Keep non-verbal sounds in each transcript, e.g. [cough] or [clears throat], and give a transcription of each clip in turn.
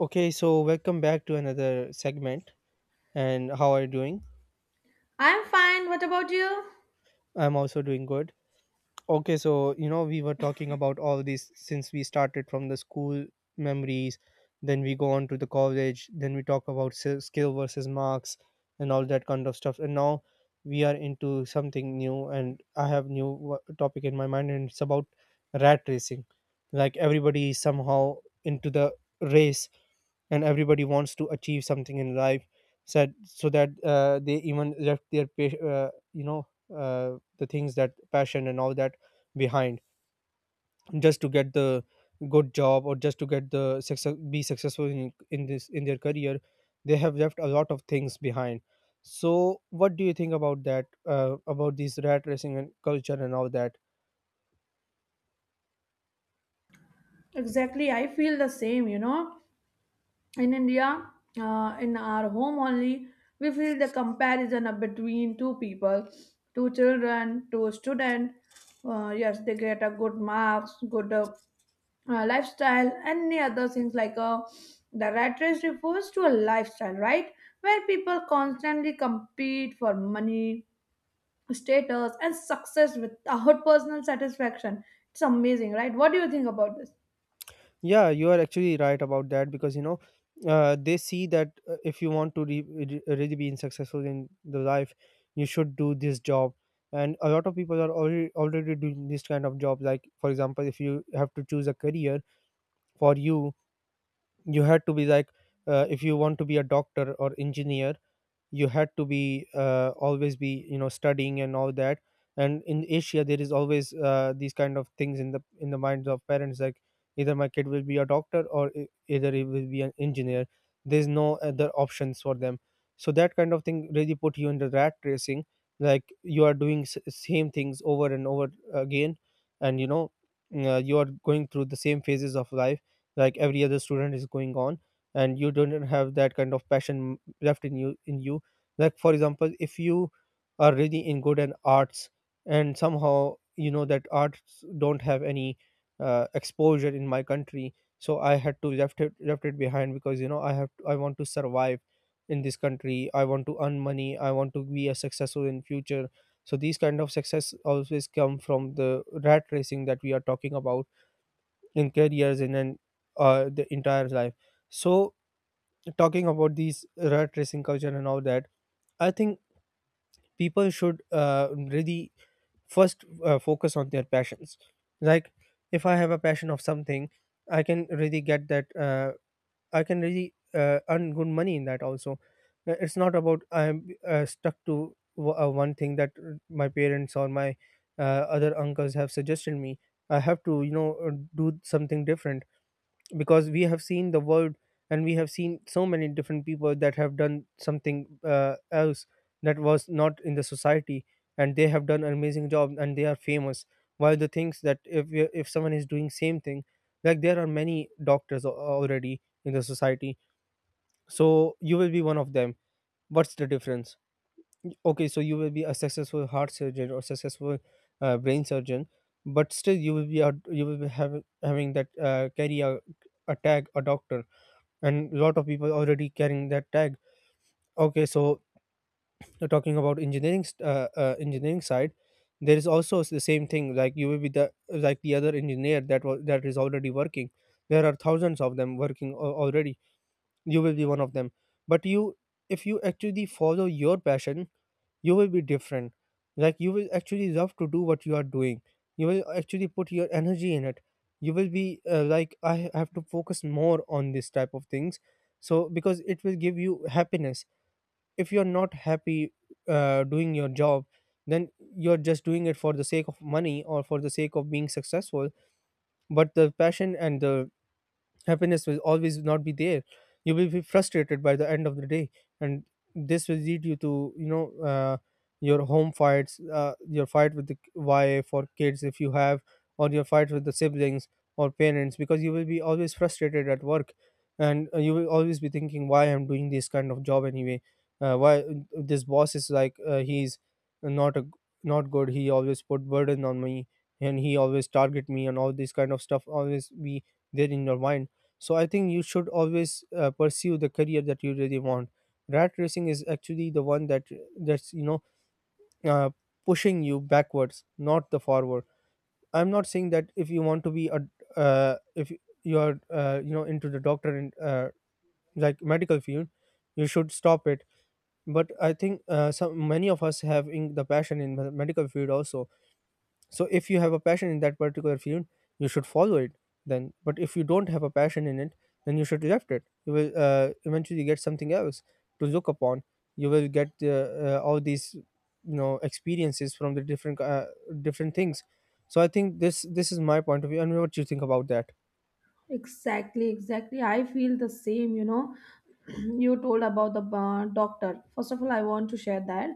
Okay, so welcome back to another segment. And how are you doing? I'm fine. What about you? I'm also doing good. Okay, so you know, we were talking [laughs] about all these since we started from the school memories, then we go on to the college, then we talk about skill versus marks and all that kind of stuff. And now we are into something new, and I have new topic in my mind, and it's about rat racing. Like everybody is somehow into the race, and everybody wants to achieve something in life said so that they even left their uh, the things that passion and all that behind, just to get the good job, or just to get the success, be successful in this in their career. They have left a lot of things behind. So what do you think about that, about this rat racing and culture and all that? Exactly. I feel the same, you know. In India, in our home only, we feel the comparison of between two people, two children, two student. Yes, they get a good marks, good lifestyle, and many other things like the rat race refers to a lifestyle, right? Where people constantly compete for money, status, and success without personal satisfaction. It's amazing, right? What do you think about this? Yeah, you are actually right about that because you know they see that if you want to really be successful in the life, you should do this job. And a lot of people are already doing this kind of job. Like for example, if you have to choose a career for you, you had to be like if you want to be a doctor or engineer, you had to be always be you know studying and all that. And in Asia there is always these kind of things in the minds of parents, like either my kid will be a doctor or either he will be an engineer. There's no other options for them. So that kind of thing really put you in the rat racing, like you are doing same things over and over again. And you know, you are going through the same phases of life like every other student is going on, and you don't have that kind of passion left in you. Like for example, if you are really in good in arts, and somehow you know that arts don't have any exposure in my country, so I had to left it behind, because you know I have I want to survive in this country, I want to earn money, I want to be a successful in future. So these kind of success always come from the rat racing that we are talking about in careers and in the entire life. So talking about these rat racing culture and all that, I think people should really first focus on their passions. Like if I have a passion of something, I can really get that, I can really earn good money in that also. It's not about I'm stuck to one thing that my parents or my other uncles have suggested me. I have to you know do something different, because we have seen the world, and we have seen so many different people that have done something else that was not in the society, and they have done an amazing job and they are famous. While the things that if someone is doing same thing, like there are many doctors already in the society, so you will be one of them. What's the difference? Okay, so you will be a successful heart surgeon or successful brain surgeon, but still you will you will be having that, carry a tag, a doctor, and a lot of people already carrying that tag. Okay, so you talking about engineering side, there is also the same thing, like you will be the, like the other engineer that was that is already working. There are thousands of them working already. You will be one of them. But you, if you actually follow your passion, you will be different. Like you will actually love to do what you are doing, you will actually put your energy in it, you will be like, I have to focus more on this type of things. So because it will give you happiness. If you're not happy doing your job, then you're just doing it for the sake of money or for the sake of being successful, but the passion and the happiness will always not be there. You will be frustrated by the end of the day, and this will lead you to you know, your home fights, your fight with the wife or kids if you have, or your fight with the siblings or parents, because you will be always frustrated at work, and you will always be thinking why I'm doing this kind of job anyway. Why this boss is like he's not a not good. He always put burden on me, and he always target me, and all this kind of stuff always be there in your mind. So I think you should always pursue the career that you really want. Rat racing is actually the one that that's you know, uh, pushing you backwards, not the forward. I'm not saying that if you want to be a if you're you know into the doctor and like medical field, you should stop it. But I think some many of us have in the passion in the medical field also. So if you have a passion in that particular field, you should follow it then. But if you don't have a passion in it, then you should left it. You will eventually get something else to look upon. You will get all these you know experiences from the different different things. So I think this is my point of view. And what do you think about that? Exactly, exactly. I feel the same, you know. [clears throat] You told about the doctor. First of all, I want to share that.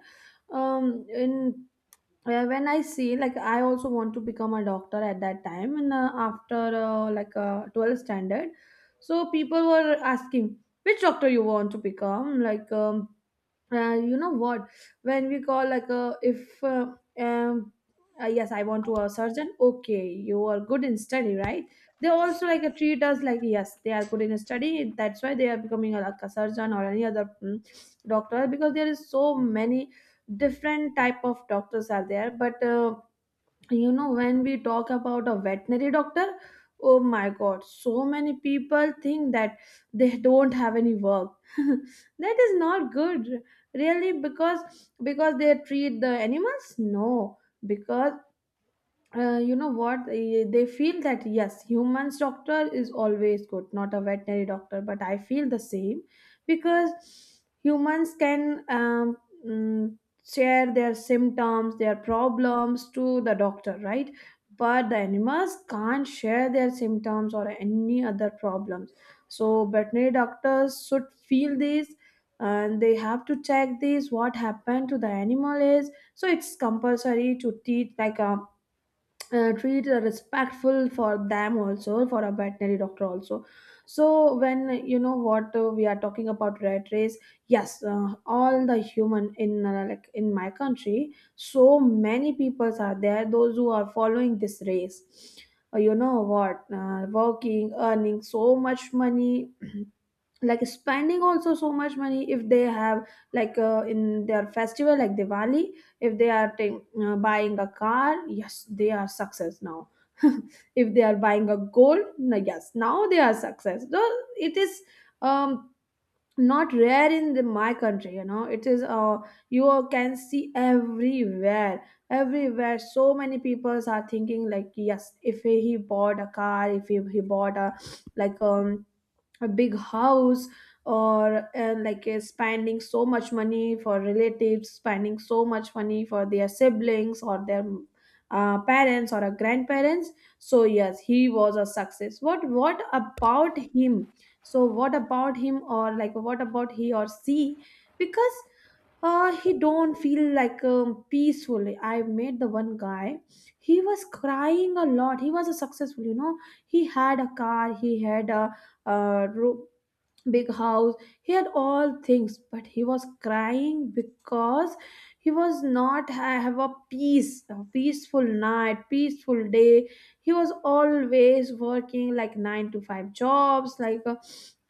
In When I see, like, I also want to become a doctor at that time, and after like 12th standard, so people were asking which doctor you want to become, like. You know what, when we call like a if um yes, I want to a surgeon. Okay, you are good in study, right? They also like treat us like, yes, they are good in study, that's why they are becoming a, like a surgeon or any other doctor, because there is so many different type of doctors are there. But you know, when we talk about a veterinary doctor, oh my god, so many people think that they don't have any work [laughs] that is not good, really, because they treat the animals, no? Because you know what, they feel that yes, humans doctor is always good, not a veterinary doctor. But I feel the same, because humans can mm, share their symptoms, their problems to the doctor, right? But the animals can't share their symptoms or any other problems. So veterinary doctors should feel this, and they have to check this what happened to the animal is. So it's compulsory to teach like treat respectful for them also, for a veterinary doctor also. So when you know what, we are talking about rat race, yes, all the human in like in my country, so many peoples are there those who are following this race. You know what, working, earning so much money, [clears throat] like spending also so much money if they have, like in their festival like Diwali, if they are buying a car, yes, they are success now. [laughs] If they are buying a gold, no, yes, now they are success though. It is um not rare in the, my country, you know. It is you can see everywhere, everywhere. So many people are thinking like, yes, if he bought a car, if he bought a like a big house, or like spending so much money for relatives, spending so much money for their siblings or their parents or grandparents. So yes, he was a success. What about him? So what about him? Or like, what about he or she? Because he don't feel like peacefully. I met the one guy, he was crying a lot. He was a successful, you know. He had a car, he had a room, big house. He had all things, but he was crying because he was not have a peace, a peaceful night, peaceful day. He was always working like 9 to 5 jobs, like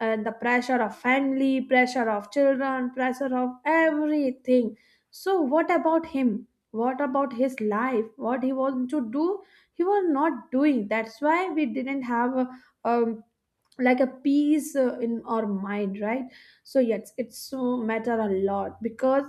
and the pressure of family, pressure of children, pressure of everything. So what about him? What about his life? What he wants to do? He was not doing. That's why we didn't have a um, like a peace in our mind, right? So yes, it's so matter a lot, because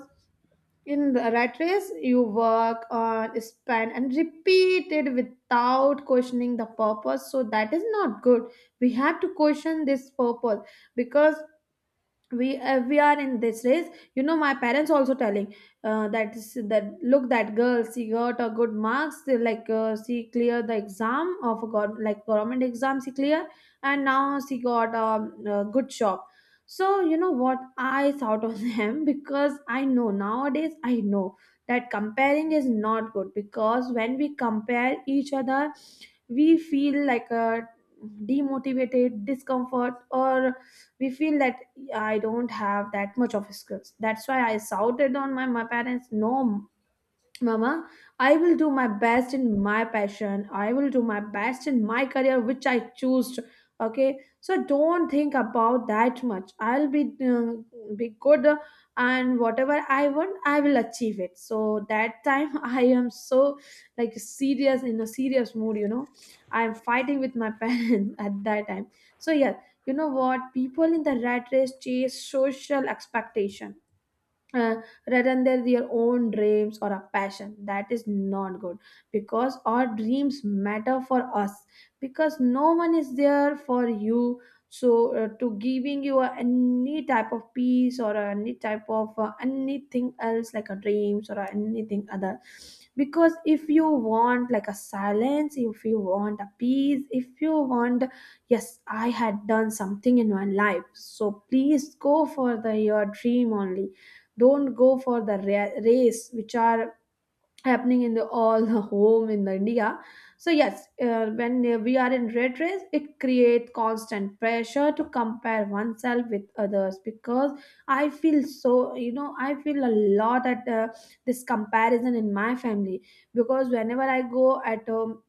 in the rat race you work on, spend and repeat it without questioning the purpose. So that is not good. We have to question this purpose, because we are in this race. You know, my parents also telling that look, that girl, she got a good marks. They like she cleared the exam of a like government exam, she cleared, and now she got a good job. So you know what I thought of them, [laughs] because I know, nowadays I know that comparing is not good, because when we compare each other, we feel like a demotivated, discomfort, or we feel that I don't have that much of skills. That's why I shouted on my parents, no, Mama, I will do my best in my passion. I will do my best in my career, which I choose. Okay, so don't think about that much. I'll be good, and whatever I want, I will achieve it. So that time, [laughs] I am so like serious, in a serious mood. You know, I am fighting with my [laughs] parents at that time. So yeah, you know what? People in the rat race chase social expectation, uh, rather than their own dreams or a passion. That is not good, because our dreams matter for us, because no one is there for you. So to giving you a, any type of peace or any type of anything else like a dreams or anything other. Because if you want like a silence, if you want a peace, if you want, yes, I had done something in my life, so please go for the your dream only. Don't go for the race which are happening in the all the home in the India. So yes, when we are in red race, it creates constant pressure to compare oneself with others. Because I feel so, you know, I feel a lot at this comparison in my family. Because whenever I go at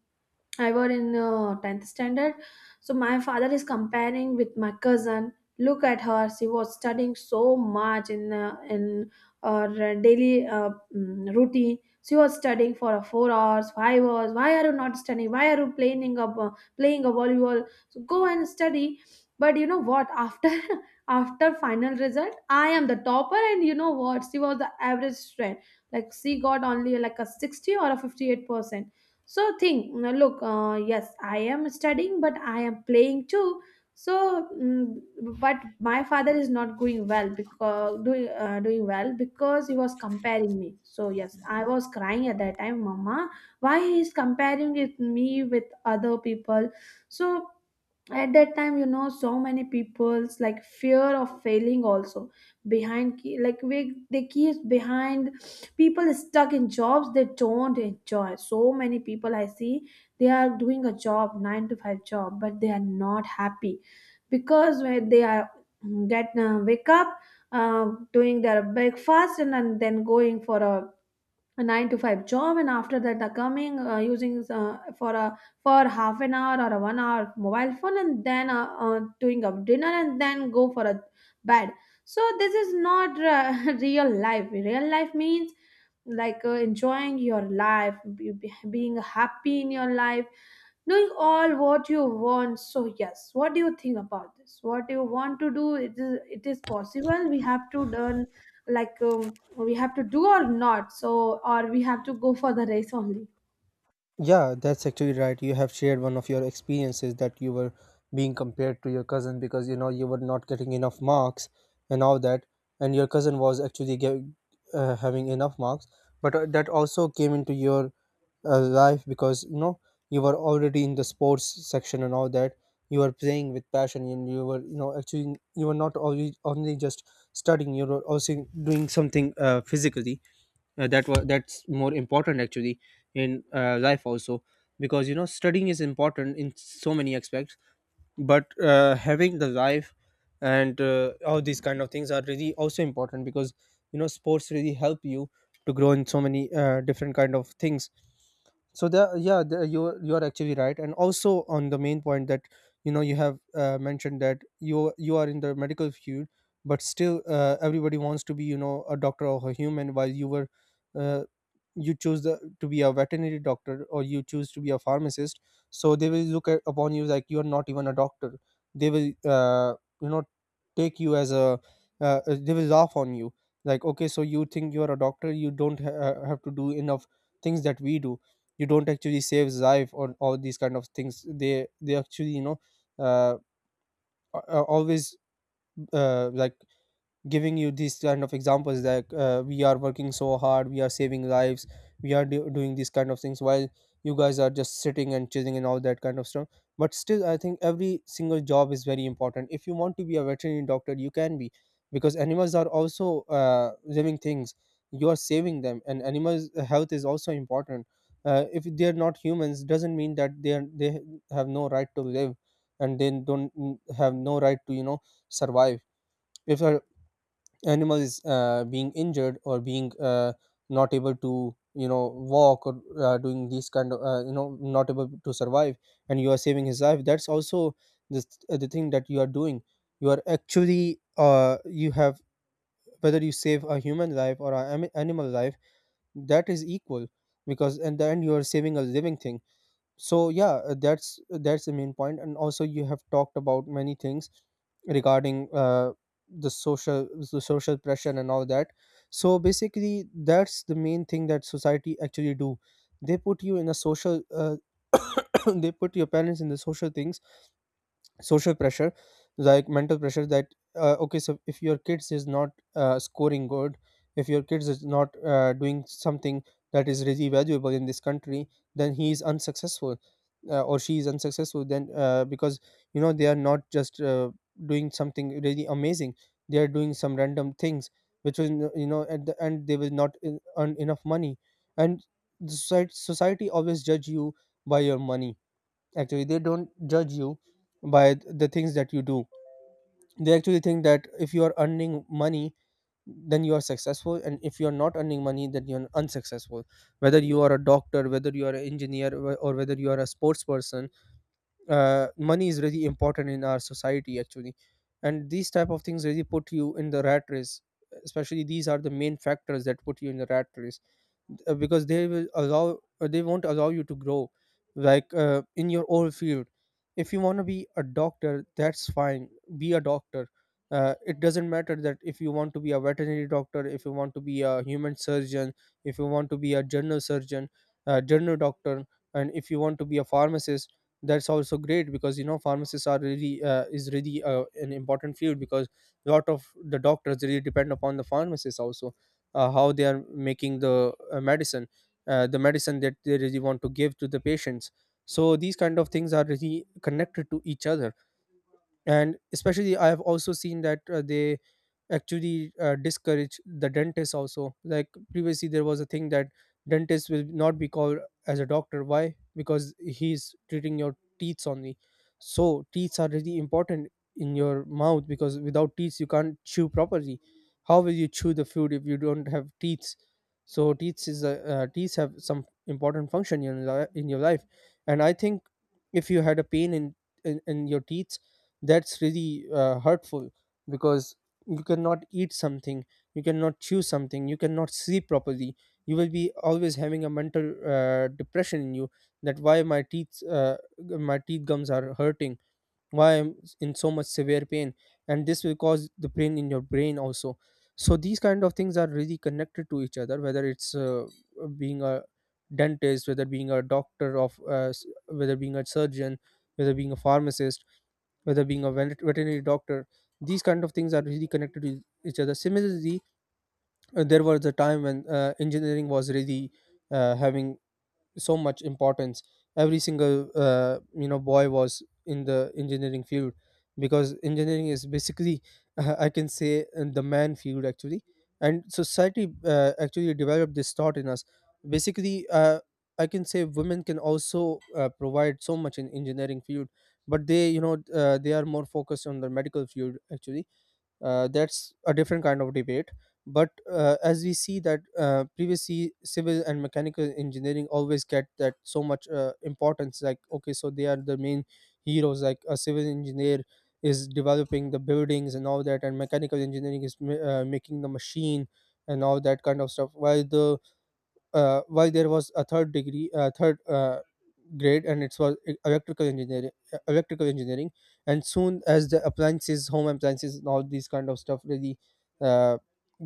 I were in 10th standard. So my father is comparing with my cousin. Look at her, she was studying so much in her daily routine. She was studying for 4 hours, 5 hours. Why are you not studying? Why are you playing a volleyball? So go and study. But you know what? After [laughs] after final result, I am the topper, and you know what? She was the average student. Like she got only like a 60 or a 58%. So think, look, yes, I am studying, but I am playing too. So, but my father is not going well, because doing well, because he was comparing me. So yes, I was crying at that time, Mama. Why he is comparing with me with other people? So at that time, you know, so many people's like fear of failing also behind key, like we, they keep behind. People stuck in jobs they don't enjoy. So many people I see they are doing a job, 9 to 5 job, but they are not happy. Because when they are get wake up, doing their breakfast, and then going for a 9 to 5 job, and after that the coming using for a for half an hour or a one hour mobile phone, and then doing a dinner, and then go for a bed. So this is not [laughs] real life. Real life means like enjoying your life, being happy in your life, knowing all what you want. So yes, what do you think about this? What do you want to do? It is, it is possible? We have to learn like we have to do or not? So or we have to go for the race only? Yeah, that's actually right. You have shared one of your experiences that you were being compared to your cousin because you know you were not getting enough marks and all that, and your cousin was actually having enough marks. But that also came into your life because you know you were already in the sports section and all that. You were playing with passion, and you were you know actually you were not only just studying. You were also doing something physically, that's more important actually in life also, because you know studying is important in so many aspects, but having the life and all these kind of things are really also important, because you know sports really help you to grow in so many different kind of things. So the yeah, the, you are actually right. And also on the main point that you know you have mentioned that you are in the medical field, but still everybody wants to be you know a doctor or a human, while you were uh, you choose to be a veterinary doctor or you choose to be a pharmacist. So they will look upon you like you are not even a doctor. They will you know take you as a they will laugh on you, like, okay, so you think you are a doctor, you don't have to do enough things that we do, you don't actually save life or all these kind of things. They actually you know uh, always like giving you these kind of examples that we are working so hard, we are saving lives, we are doing these kind of things, while you guys are just sitting and chilling and all that kind of stuff. But still I think every single job is very important. If you want to be a veterinary doctor, you can be, because animals are also living things. You are saving them, and animals health is also important. If they are not humans, doesn't mean that they have no right to live, and they don't have no right to you know survive. If a animal is being injured or being not able to you know walk, or doing these kind of you know not able to survive, and you are saving his life, that's also the, the thing that you are doing. You are actually you have whether you save a human life or an animal life, that is equal, because in the end you are saving a living thing. So yeah, that's the main point. And also you have talked about many things regarding the social pressure and all that. So basically that's the main thing that society actually do. They put you in a social [coughs] they put your parents in the social things, social pressure, like mental pressure that. Okay, so if your kids is not scoring good, if your kids is not doing something that is really valuable in this country, then he is unsuccessful, or she is unsuccessful, then because you know they are not just doing something really amazing. They are doing some random things which will, you know, at the end they will not earn enough money. And society always judge you by your money. Actually they don't judge you by the things that you do. They actually think that if you are earning money then you are successful, and if you are not earning money then you're unsuccessful, whether you are a doctor, whether you are an engineer, or whether you are a sports person. Money is really important in our society actually, and these type of things really put you in the rat race. Especially these are the main factors that put you in the rat race, because they won't allow you to grow, like, in your own field. If you want to be a doctor, that's fine, be a doctor. It doesn't matter, that if you want to be a veterinary doctor, if you want to be a human surgeon, if you want to be a general surgeon, a general doctor, and if you want to be a pharmacist, that's also great, because you know pharmacists are really is really an important field, because a lot of the doctors really depend upon the pharmacists also, how they are making the medicine, the medicine that they really want to give to the patients. So these kind of things are really connected to each other. And especially I have also seen that they actually discourage the dentist also. Like previously there was a thing that dentist will not be called as a doctor. Why? Because he's treating your teeth only. So teeth are really important in your mouth, because without teeth you can't chew properly. How will you chew the food if you don't have teeth? So teeth have some important function in your life. And I think if you had a pain in your teeth, that's really hurtful, because you cannot eat something, you cannot chew something, you cannot sleep properly. You will be always having a mental depression in you, that why my teeth gums are hurting, why I'm in so much severe pain. And this will cause the pain in your brain also. So these kind of things are really connected to each other, whether it's being a dentist, whether being a surgeon, whether being a pharmacist, whether being a veterinary doctor. These kind of things are really connected to each other. Similarly, there was a time when engineering was really having so much importance. Every single you know, boy was in the engineering field, because engineering is basically, [laughs] I can say, the man field actually. And society actually developed this thought in us. Basically, I can say women can also provide so much in engineering field, but they you know they are more focused on the medical field actually. That's a different kind of debate. But as we see that, previously civil and mechanical engineering always get that so much importance, like okay, so they are the main heroes, like a civil engineer is developing the buildings and all that, and mechanical engineering is making the machine and all that kind of stuff, while the why there was a third, grade, and it was electrical engineering. And soon as the appliances home appliances and all these kind of stuff really uh,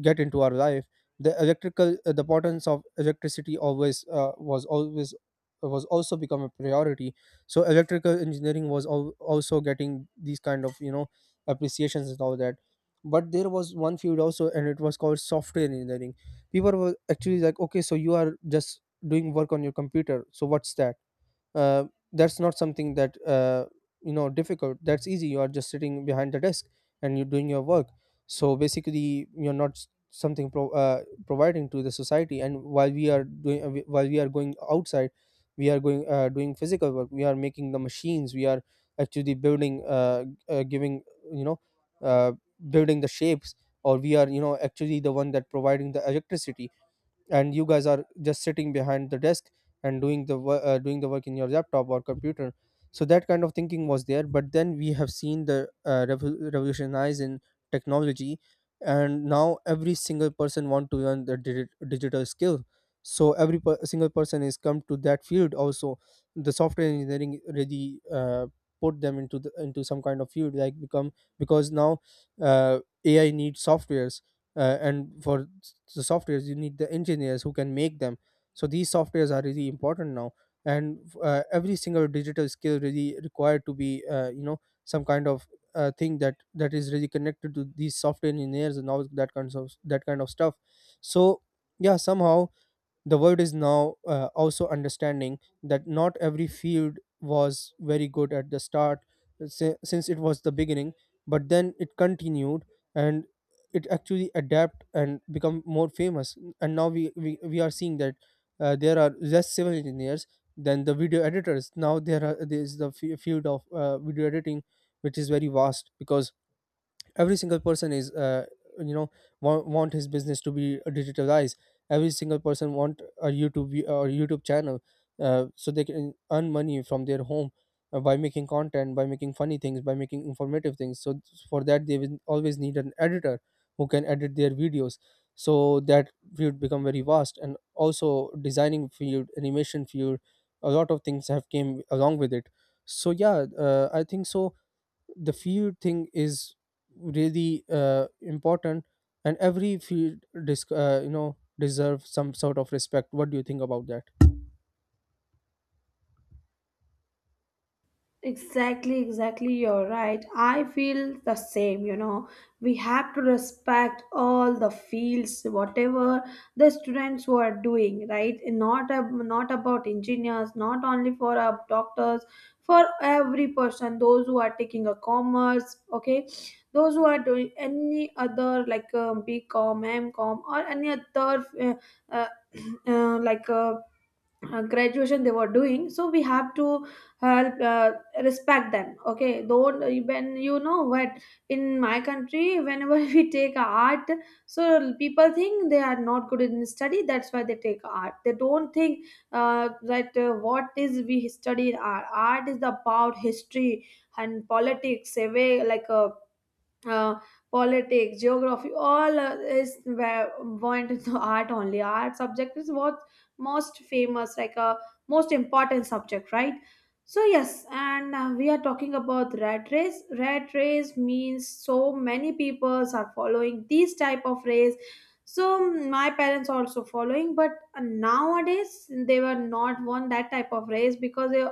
get into our life, the importance of electricity always was always was also become a priority. So electrical engineering was also getting these kind of, you know, appreciations and all that. But there was one field also, and it was called software engineering. People were actually like, okay, so you are just doing work on your computer, so what's that? uh, that's not something that, you know, difficult, that's easy. You are just sitting behind the desk and you're doing your work. So basically you're not providing to the society, and while we are going outside, we are going doing physical work, we are making the machines, we are actually building, giving, you know, uh, building the shapes, or we are, you know, actually the one that providing the electricity, and you guys are just sitting behind the desk and doing the work in your laptop or computer. So that kind of thinking was there, but then we have seen the revolutionize in technology. And now every single person want to learn the digital skill. So every single person is come to that field also. The software engineering really put them into some kind of field, like become, because now, uh, AI needs software, and for the softwares you need the engineers who can make them. So these softwares are really important now. And every single digital skill really required to be, you know, some kind of thing that is really connected to these software engineers and all that kinds of that kind of stuff. So yeah, somehow the world is now also understanding that not every field was very good at the start, since it was the beginning, but then it continued, and it actually adapt and become more famous. And now we are seeing that there are less civil engineers than the video editors. Now there are there is the field of video editing, which is very vast, because every single person is, you know, want his business to be, digitalized. Every single person want a youtube vi- or YouTube channel, so they can earn money from their home, by making content, by making funny things, by making informative things. So for that they will always need an editor who can edit their videos, so that field become very vast. And also designing field, animation field, a lot of things have came along with it. So yeah, I think so the field thing is really important, and every field deserve some sort of respect. What do you think about that? Exactly, exactly. You're right. I feel the same, you know. We have to respect all the fields, whatever the students who are doing, right? Not about engineers, not only for our doctors, for every person, those who are taking a commerce, okay? Those who are doing any other like BCom, MCom, or any other uh, [clears throat] uh, like uh, graduation they were doing. So we have to help respect them. Okay, don't, when you know what, in my country whenever [laughs] we take art, so people think they are not good in study, that's why they take art. They don't think that what is we study in art. Art is about history and politics, a way like a uh, politics, geography, all is where went to art only. Art subject is what most famous, like a most important subject, right? So yes, and we are talking about rat race. Rat race means so many peoples are following these type of race. So my parents also following, but nowadays they were not one that type of race because they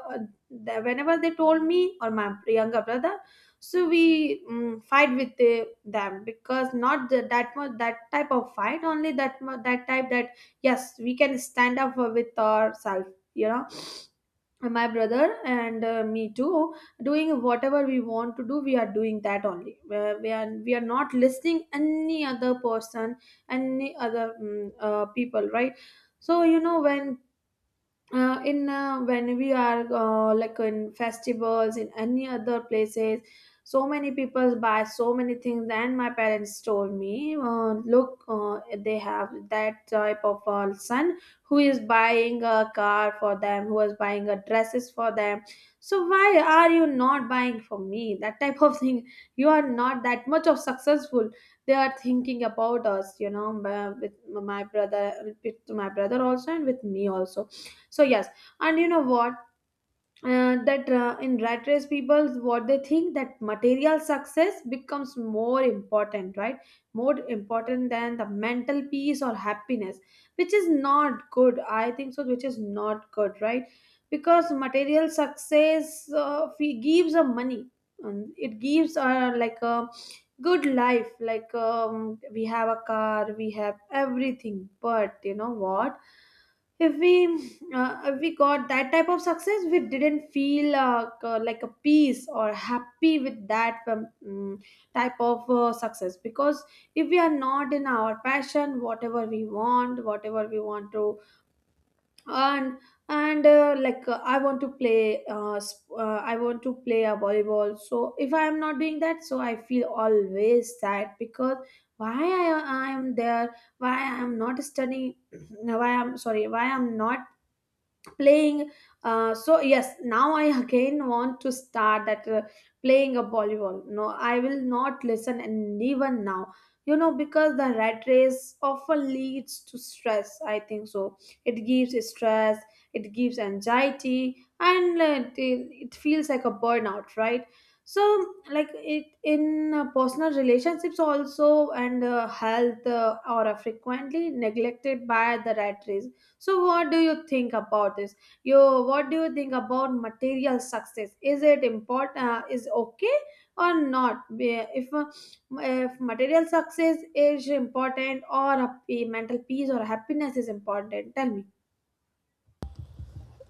whenever they told me or my younger brother so we fight with them because not that much that type of fight only that that type that yes we can stand up for with ourselves you know And my brother and me too, doing whatever we want to do, we are doing that only. Where we are not listening any other person, any other people, right? So when in when we are like in festivals, in any other places, so many people buy so many things, and my parents told me, look, they have that type of son who is buying a car for them, who is buying a dresses for them, so why are you not buying for me that type of [laughs] thing? You are not that much of successful. They are thinking about us, with my brother, with my brother also and with me also. So yes, and you know what? That In rat race people, what they think, that material success becomes more important, right? More important than the mental peace or happiness, which is not good. I think so, which is not good, right? Because material success gives a money, and it gives like a good life. Like we have a car, we have everything, but you know what? If we we got that type of success, we didn't feel like a peace or happy with that type of success, because if we are not in our passion, whatever we want, whatever we want to earn. And like I want to play I want to play a volleyball, so if I am not doing that, so I feel always sad, because why I am there, why I am not studying, [clears throat] why I'm sorry, why I'm not playing. So yes, now I [laughs] again want to start that playing a volleyball. No, I will not listen. And even now, you know, because the rat race often leads to stress, I think so. It gives stress, it gives anxiety, and it feels like a burnout, right? So like it in personal relationships also, and health are frequently neglected by the rat race. So what do you think about this? You, what do you think about material success? Is it important? Is okay or not? If material success is important or a mental peace or happiness is important, tell me.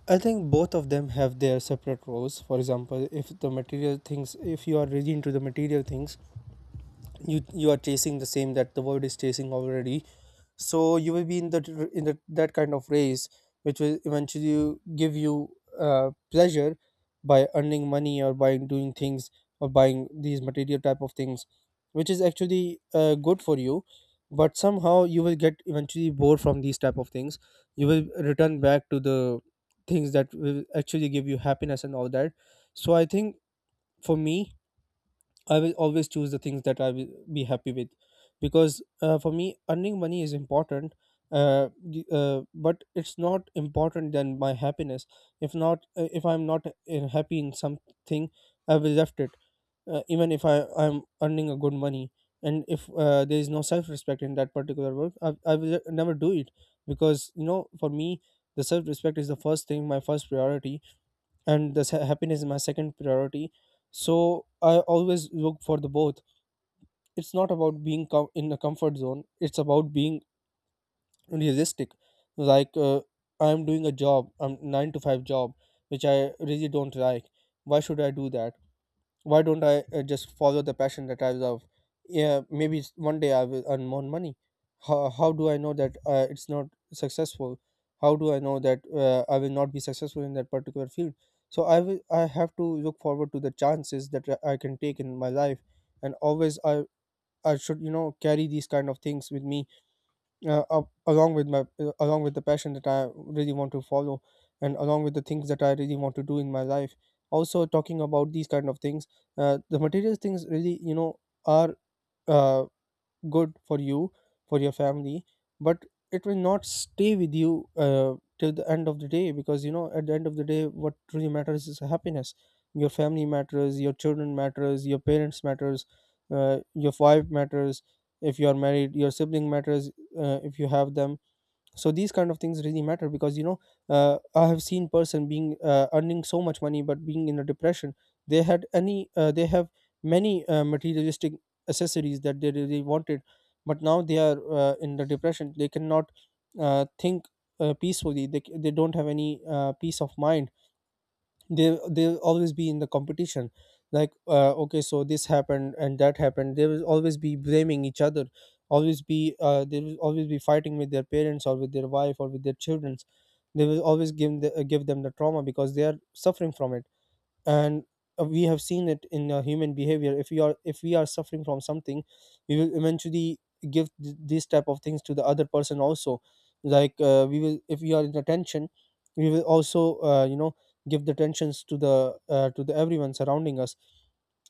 I think both of them have their separate roles. For example, if the material things, if you are really into the material things, you are chasing the same that the world is chasing already, so you will be in the that kind of race, which will eventually give you pleasure by earning money or by doing things or buying these material type of things, which is actually good for you, but somehow you will get eventually bored from these type of things. You will return back to the things that will actually give you happiness and all that. So I think, for me, I will always choose the things that I will be happy with, because for me, earning money is important. But it's not important than my happiness. If I'm not happy in something, I will left it. Even if I'm earning a good money, and if there is no self respect in that particular work, I will never do it because for me the self respect is the first thing, my first priority, and the happiness is my second priority. So I always look for the both. It's not about being in a comfort zone, it's about being realistic. Like, I'm doing a job, I'm 9 to 5 job, which I really don't like. Why should I do that? Why don't I just follow the passion that I love? Yeah, maybe one day I will earn more money. How do I know that it's not successful? How do I know that I will not be successful in that particular field? So I have to look forward to the chances that I can take in my life. And always I should, carry these kind of things with me, along with my along with the passion that I really want to follow, and along with the things that I really want to do in my life. Also, talking about these kind of things, the material things really, are, uh, good for you, for your family. But it will not stay with you till the end of the day, because you know at the end of the day what truly matters is happiness. Your family matters, your children matters, your parents matters, your wife matters, if you are married, your sibling matters, if you have them. So these kind of things really matter, because I have seen person being earning so much money but being in a depression. They had any They have many materialistic accessories that they really wanted, but now they are, in the depression, they cannot think peacefully. They they don't have any peace of mind. They'll always be in the competition. Like, okay, so this happened and that happened, they will always be blaming each other, always be they will always be fighting with their parents, or with their wife, or with their children. They will always give give them the trauma, because they are suffering from it. And we have seen it in human behavior, if we are suffering from something, we will eventually give these type of things to the other person also. Like, we will, if we are in attention, we will also, give the tensions to the everyone surrounding us.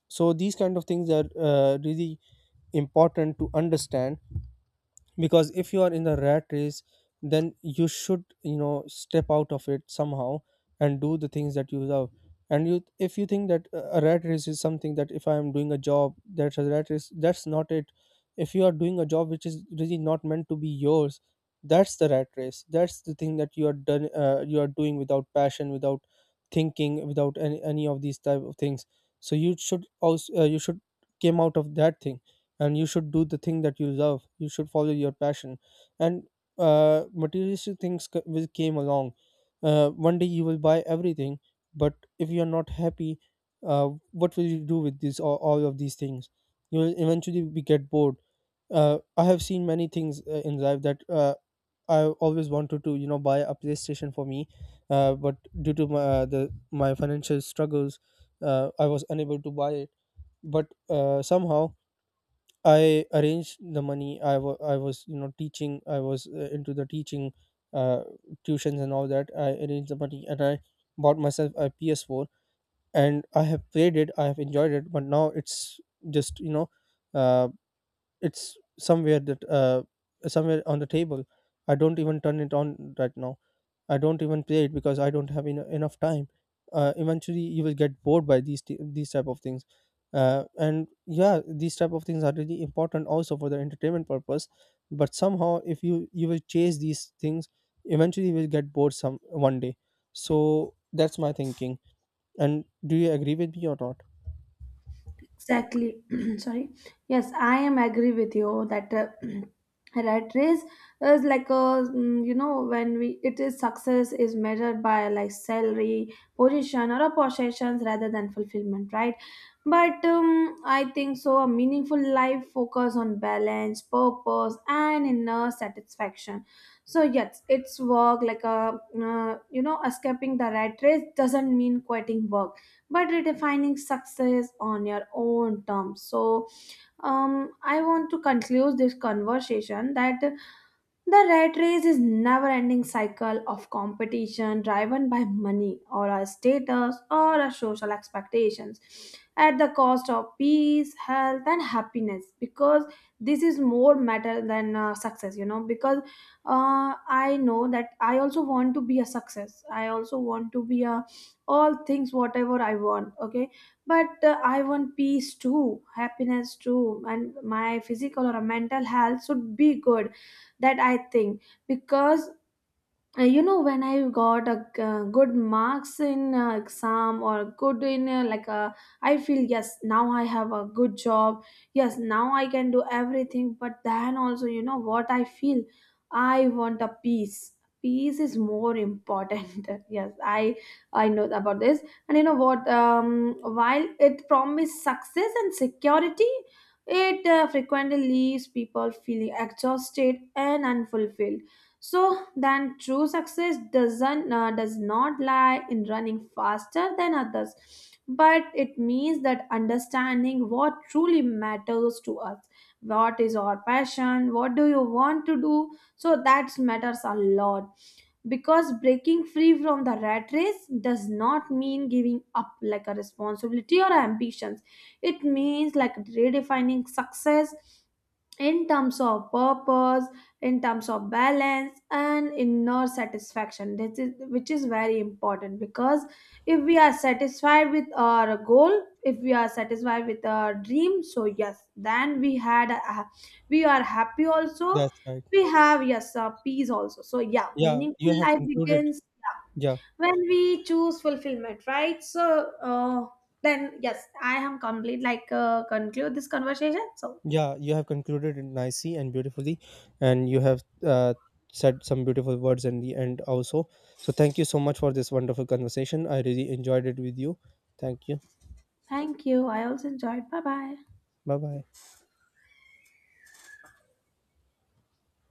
So these kind of things are really important to understand, because if you are in the rat race, then you should, step out of it somehow, and do the things that you love. And you, if you think that a rat race is something that if I am doing a job, that's a rat race, that's not it. If you are doing a job which is really not meant to be yours, that's the rat race. That's the thing that you are done you are doing without passion, without thinking, without any of these type of things. So you should also you should came out of that thing, and you should do the thing that you love, you should follow your passion. And materialistic things will came along. One day you will buy everything, but if you are not happy, what will you do with all of these things? You will eventually be get bored. I have seen many things in life that I always wanted to, you know, buy a playstation for me. But due to my financial struggles, I was unable to buy it. But somehow I arranged the money. I was, you know, teaching. I was into the teaching, uh, tuitions and all that. I arranged the money and I bought myself a PS4, and I have played it. I have enjoyed it, but now it's just, you know, uh, it's somewhere on the table. I don't even turn it on right now. I don't even play it, because I don't have enough time. Eventually, you will get bored by these type of things, and yeah, these type of things are really important also for the entertainment purpose. But somehow, if you will chase these things, eventually you will get bored some one day. So that's my thinking. And do you agree with me or not? Exactly. [clears throat] Sorry. Yes, I am agree with you that [clears throat] rat race is like a you know, when we, it is success is measured by like salary, position, or a possessions rather than fulfillment, right? But I think so. A meaningful life focus on balance, purpose, and inner satisfaction. So yes, it's work like a you know, escaping the rat race doesn't mean quitting work, but redefining success on your own terms. So I want to conclude this conversation, that the rat race is never ending cycle of competition driven by money or our status or our social expectations at the cost of peace, health and happiness. Because this is more matter than success, you know, because I know that I also want to be a success, I also want to be a all things whatever I want, okay? But I want peace too, happiness too, and my physical or mental health should be good, that I think. Because you know, when I got a good marks in exam, or good in like I feel yes, now I have a good job, yes now I can do everything, but then also, you know what I feel, I want a peace. Peace is more important. [laughs] Yes, I know about this. And you know what? While it promises success and security, it frequently leaves people feeling exhausted and unfulfilled. So then true success does not lie in running faster than others, but it means that understanding what truly matters to us, what is our passion, what do you want to do. So that matters a lot. Because breaking free from the rat race does not mean giving up like a responsibility or ambitions. It means like redefining success in terms of purpose, in terms of balance and inner satisfaction. That is, which is very important, because if we are satisfied with our goal, if we are satisfied with our dream, so yes, then we had a, we are happy also, That's right. we have yes peace also. So yeah, Yeah, meaningful you have life concluded. begins, yeah, Yeah, when we choose fulfillment, right? So then yes, I am complete, like conclude this conversation. So yeah, you have concluded it nicely and beautifully, and you have said some beautiful words in the end also. So thank you so much for this wonderful conversation. I really enjoyed it with you. Thank you. thank you. I also enjoyed. Bye bye. Bye bye.